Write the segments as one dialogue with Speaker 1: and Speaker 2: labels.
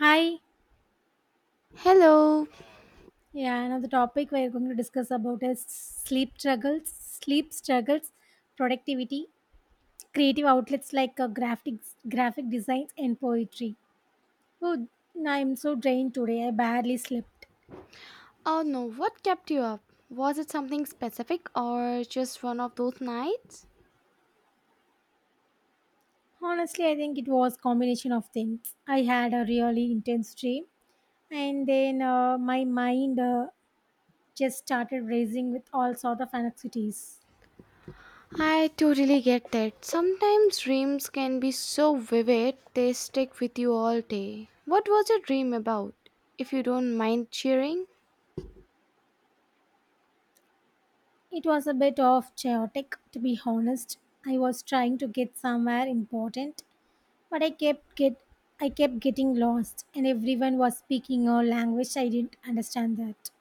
Speaker 1: Hi.
Speaker 2: Hello.
Speaker 1: Yeah, another topic we're going to discuss about is sleep struggles, productivity, creative outlets like graphics, graphic designs, and poetry. Oh, I'm so drained today. I barely slept.
Speaker 2: Oh no, what kept you up? Was it something specific or just one of those nights?
Speaker 1: Honestly, I think it was combination of things. I had a really intense dream, and then my mind, just started racing with all sort of anxieties.
Speaker 2: I totally get that. Sometimes dreams can be so vivid, they stick with you all day. What was your dream about? If you don't mind sharing?
Speaker 1: It was a bit of chaotic, to be honest. I was trying to get somewhere important, But I kept get I kept getting lost and everyone was speaking a language I didn't understand that.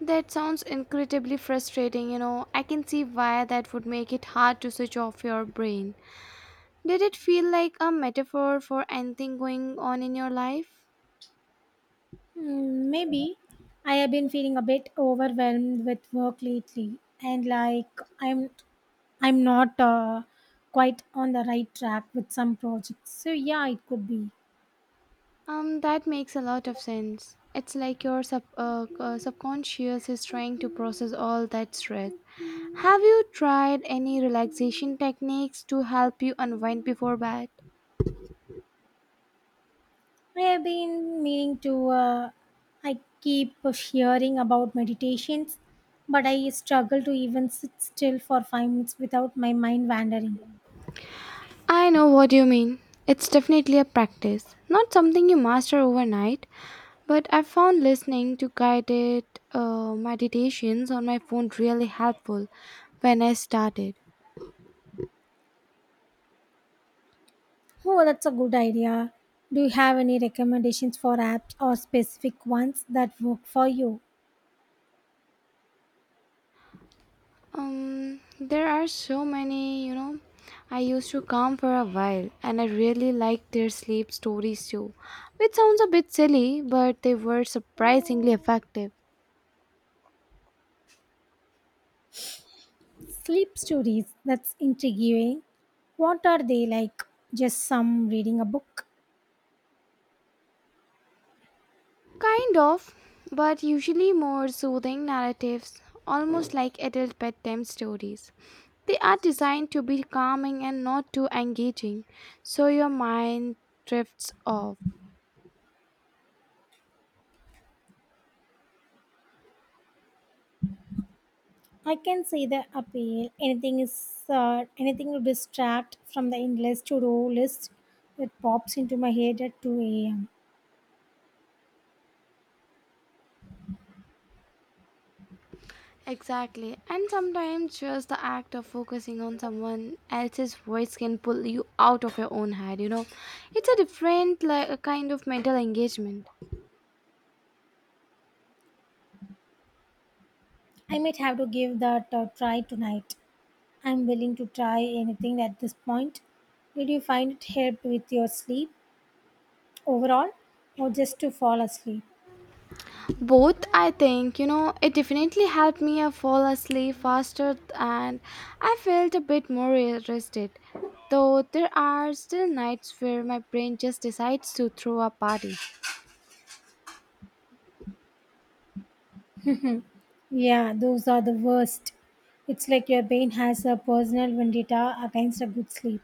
Speaker 2: That sounds incredibly frustrating, you know. I can see why that would make it hard to switch off your brain. Did it feel like a metaphor for anything going on in your life?
Speaker 1: Hmm, maybe I have been feeling a bit overwhelmed with work lately and like I'm not quite on the right track with some projects. So yeah, it could be.
Speaker 2: That makes a lot of sense. It's like your subconscious is trying to process all that stress. Have you tried any relaxation techniques to help you unwind before bed?
Speaker 1: I have been meaning to. I keep hearing about meditations, but I struggle to even sit still for 5 minutes without my mind wandering.
Speaker 2: I know what you mean. It's definitely a practice, not something you master overnight, but I've found listening to guided meditations on my phone really helpful when I started.
Speaker 1: Oh, that's a good idea. Do you have any recommendations for apps or specific ones that work for you?
Speaker 2: There are so many, you know. I used to come for a while and I really liked their sleep stories too, which sounds a bit silly, but they were surprisingly effective.
Speaker 1: Sleep stories, that's intriguing. What are they like? Just some reading a book?
Speaker 2: Kind of, but usually more soothing narratives, almost like adult bedtime stories. They are designed to be calming and not too engaging, so your mind drifts off.
Speaker 1: I can see the appeal. Anything is anything to distract from the endless to-do list that pops into my head at 2 a.m.
Speaker 2: Exactly. And sometimes just the act of focusing on someone else's voice can pull you out of your own head, you know. It's a different like a kind of mental engagement.
Speaker 1: I might have to give that a try tonight. I'm willing to try anything at this point. Did you find it helped with your sleep? Overall, or just to fall asleep.
Speaker 2: Both I think, you know, it definitely helped me fall asleep faster and I felt a bit more rested. Though there are still nights where my brain just decides to throw a party.
Speaker 1: Yeah, those are the worst. It's like your brain has a personal vendetta against a good sleep.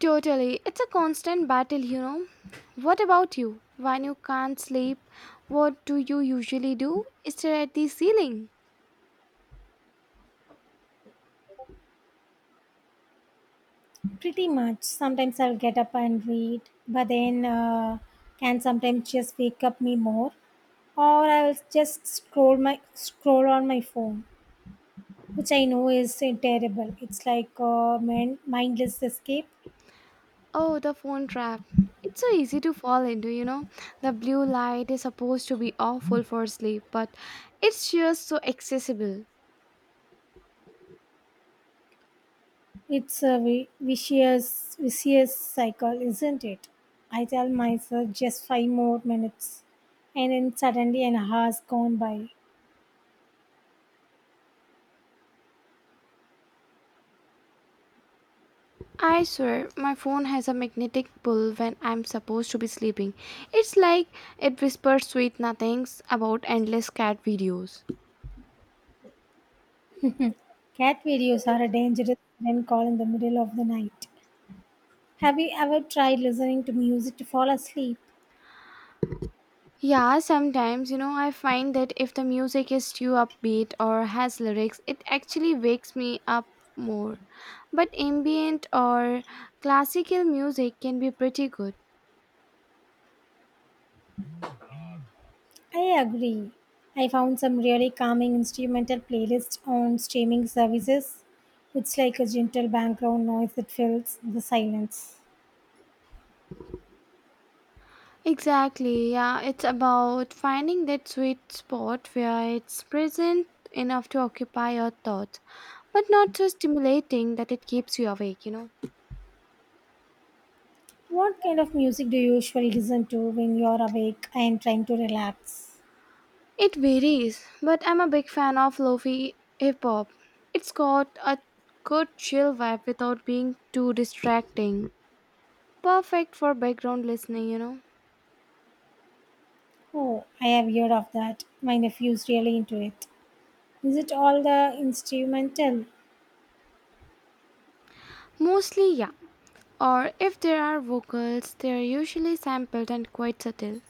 Speaker 2: Totally. It's a constant battle, you know. What about you? When you can't sleep, what do you usually do? Stare at the ceiling.
Speaker 1: Pretty much. Sometimes I'll get up and read, but then can sometimes just wake up me more, or I'll just scroll my scroll on my phone, which I know is terrible. It's like a mindless escape.
Speaker 2: Oh, the phone trap. It's so easy to fall into, you know. The blue light is supposed to be awful for sleep, but it's just so accessible.
Speaker 1: It's a vicious cycle, isn't it? I tell myself just five more minutes, and then suddenly an hour's gone by.
Speaker 2: I swear, my phone has a magnetic pull when I'm supposed to be sleeping. It's like it whispers sweet nothings about endless cat videos.
Speaker 1: Cat videos are a dangerous friend call in the middle of the night. Have you ever tried listening to music to fall asleep?
Speaker 2: Yeah, sometimes, you know, I find that if the music is too upbeat or has lyrics, it actually wakes me up more. But ambient or classical music can be pretty good.
Speaker 1: I agree. I found some really calming instrumental playlists on streaming services. It's like a gentle background noise that fills the silence.
Speaker 2: Exactly, yeah, it's about finding that sweet spot where it's present enough to occupy your thoughts, but not so stimulating that it keeps you awake, you know.
Speaker 1: What kind of music do you usually listen to when you're awake and trying to relax?
Speaker 2: It varies, but I'm a big fan of lofi hip hop. It's got a good chill vibe without being too distracting. Perfect for background listening, you know.
Speaker 1: Oh, I have heard of that. My nephew's really into it. Is it all the instrumental?
Speaker 2: Mostly, yeah. Or if there are vocals, they are usually sampled and quite subtle.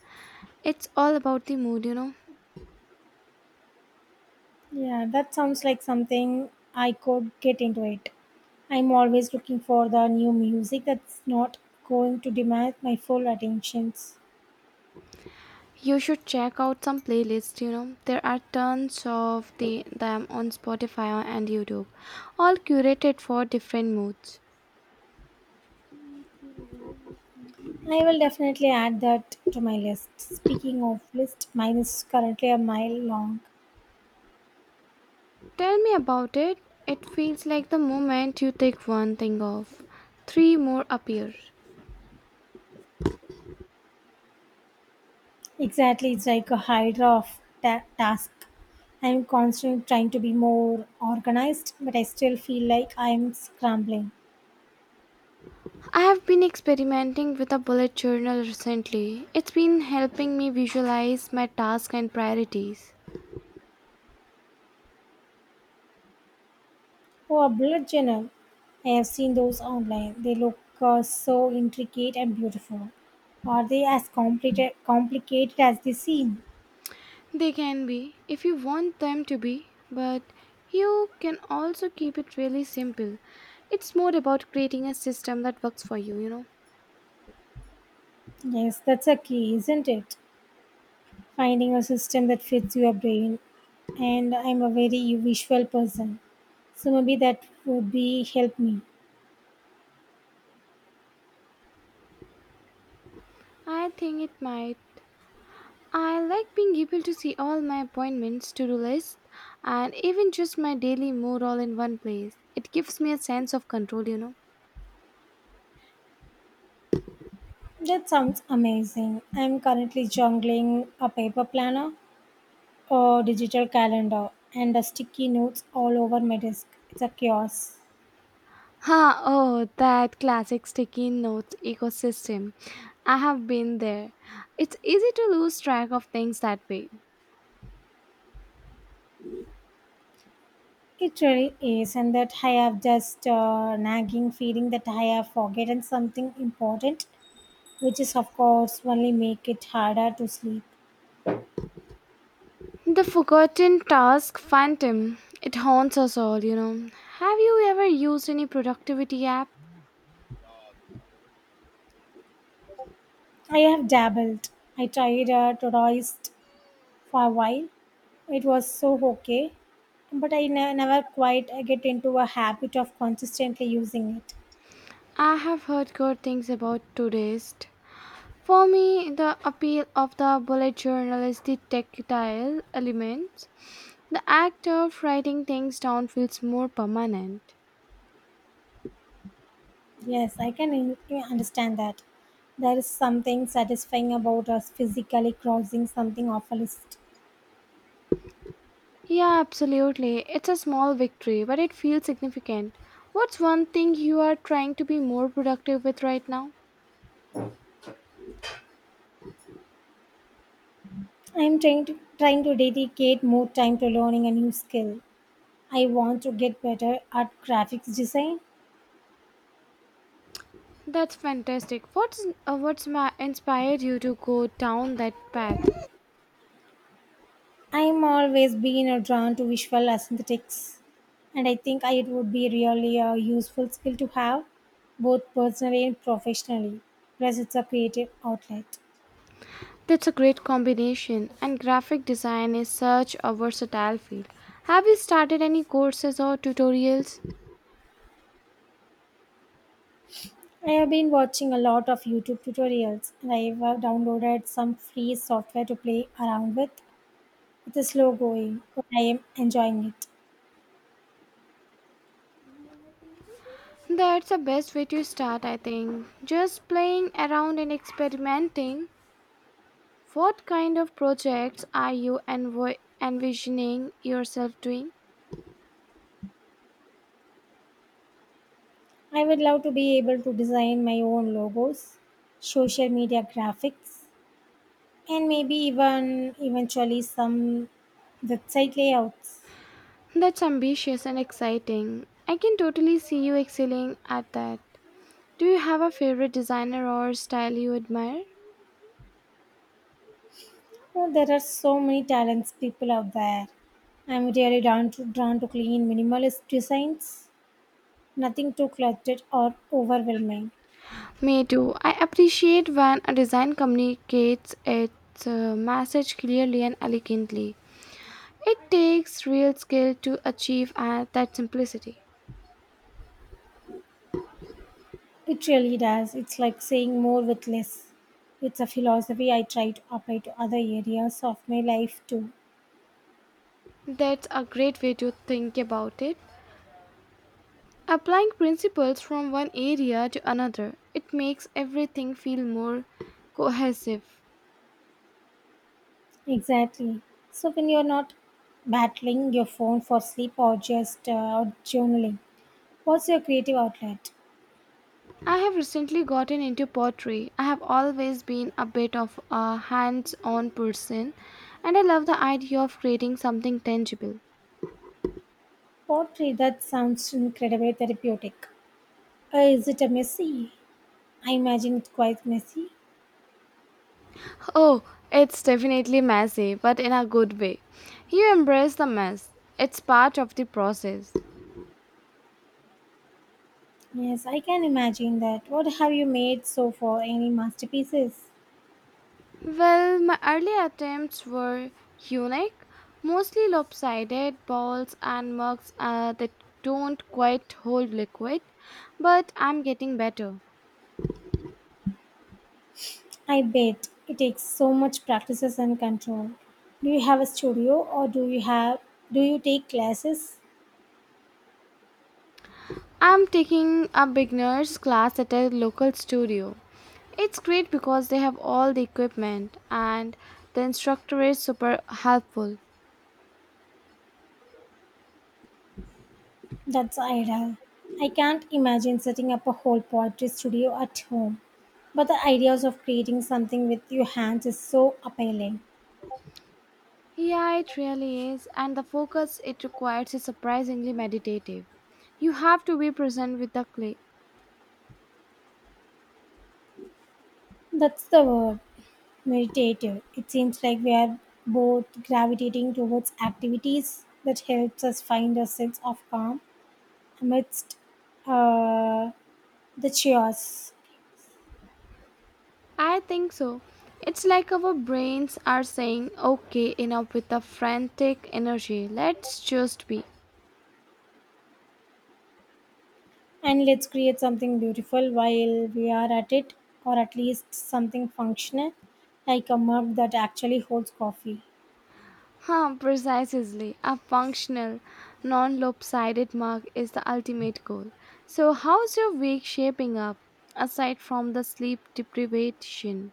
Speaker 2: It's all about the mood, you know.
Speaker 1: Yeah, that sounds like something I could get into it. I'm always looking for the new music that's not going to demand my full attentions.
Speaker 2: You should check out some playlists, you know. There are tons of them on Spotify and YouTube, all curated for different moods.
Speaker 1: I will definitely add that to my list. Speaking of list, mine is currently a mile long.
Speaker 2: Tell me about it. It feels like the moment you take one thing off, three more appear.
Speaker 1: Exactly, it's like a hydra of task. I'm constantly trying to be more organized, but I still feel like I'm scrambling.
Speaker 2: I have been experimenting with a bullet journal recently. It's been helping me visualize my tasks and priorities.
Speaker 1: Oh, a blood journal. I have seen those online. They look so intricate and beautiful. Are they as complicated as they seem?
Speaker 2: They can be, if you want them to be, but you can also keep it really simple. It's more about creating a system that works for you, you know.
Speaker 1: Yes, that's a key, isn't it? Finding a system that fits your brain. And I'm a very visual person, so maybe that would be help me.
Speaker 2: I think it might I like being able to see all my appointments, to do lists, and even just my daily mood all in one place. It gives me a sense of control, you know.
Speaker 1: That sounds amazing. I'm currently juggling a paper planner, a digital calendar, and a sticky notes all over my desk. It's a chaos.
Speaker 2: Ha, oh, that classic sticky notes ecosystem. I have been there. It's easy to lose track of things that way.
Speaker 1: It really is, and that I have just nagging feeling that I have forgotten something important, which is of course only make it harder to sleep.
Speaker 2: The forgotten task phantom. It haunts us all, you know. Have you ever used any productivity app?
Speaker 1: I have dabbled. I tried Todoist for a while. It was so okay, but I never quite get into a habit of consistently using it.
Speaker 2: I have heard good things about Todoist. For me, the appeal of the bullet journal is the tactile element. The act of writing things down feels more permanent.
Speaker 1: Yes, I can understand that. There is something satisfying about us physically crossing something off a list.
Speaker 2: Yeah, absolutely. It's a small victory, but it feels significant. What's one thing you are trying to be more productive with right now?
Speaker 1: I am trying to dedicate more time to learning a new skill. I want to get better at graphics design.
Speaker 2: That's fantastic. What's inspired you to go down that path?
Speaker 1: I am always been drawn to visual aesthetics, and I think it would be really a useful skill to have, both personally and professionally. Plus, it's a creative outlet.
Speaker 2: That's a great combination, and graphic design is such a versatile field. Have you started any courses or tutorials?
Speaker 1: I have been watching a lot of YouTube tutorials and I have downloaded some free software to play around with. It is slow going, but I am enjoying it.
Speaker 2: That's the best way to start, I think. Just playing around and experimenting. What kind of projects are you envisioning yourself doing?
Speaker 1: I would love to be able to design my own logos, social media graphics, and maybe even eventually some website layouts.
Speaker 2: That's ambitious and exciting. I can totally see you excelling at that. Do you have a favorite designer or style you admire?
Speaker 1: Oh, there are so many talents people out there. I'm really drawn to clean minimalist designs, nothing too cluttered or overwhelming.
Speaker 2: Me too. I appreciate when a design communicates its message clearly and elegantly. It takes real skill to achieve that simplicity.
Speaker 1: It really does. It's like saying more with less. It's a philosophy I try to apply to other areas of my life too.
Speaker 2: That's a great way to think about it. Applying principles from one area to another, it makes everything feel more cohesive.
Speaker 1: Exactly. So when you're not battling your phone for sleep or just out journaling, what's your creative outlet?
Speaker 2: I have recently gotten into pottery. I have always been a bit of a hands on person, and I love the idea of creating something tangible.
Speaker 1: Pottery, that sounds incredibly therapeutic. Is it a messy? I imagine it's quite messy.
Speaker 2: Oh, it's definitely messy, but in a good way. You embrace the mess, it's part of the process.
Speaker 1: Yes, I can imagine that. What have you made so far? Any masterpieces?
Speaker 2: Well, my early attempts were unique, mostly lopsided balls and mugs that don't quite hold liquid, but I'm getting better.
Speaker 1: I bet it takes so much practices and control. Do you have a studio or do you take classes?
Speaker 2: I'm taking a beginner's class at a local studio. It's great because they have all the equipment and the instructor is super helpful.
Speaker 1: That's ideal. I can't imagine setting up a whole poetry studio at home. But the ideas of creating something with your hands is so appealing.
Speaker 2: Yeah, it really is, and the focus it requires is surprisingly meditative. You have to be present with the clay
Speaker 1: That's the word, meditative. It seems like we are both gravitating towards activities that helps us find a sense of calm amidst uh, the chaos.
Speaker 2: I think so. It's like our brains are saying, okay, enough with the frantic energy, let's just be.
Speaker 1: And let's create something beautiful while we are at it, or at least something functional, like a mug that actually holds coffee.
Speaker 2: Huh, precisely. A functional, non lopsided mark is the ultimate goal. So, how's your week shaping up aside from the sleep deprivation?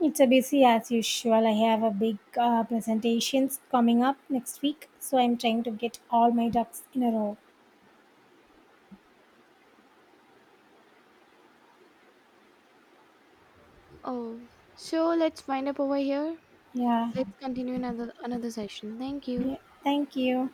Speaker 1: It's a busy as usual. I have a big presentations coming up next week, so I'm trying to get all my ducks in a row.
Speaker 2: Oh, so let's wind up over here.
Speaker 1: Yeah,
Speaker 2: Let's continue another session. Thank you.
Speaker 1: yeah. Thank you.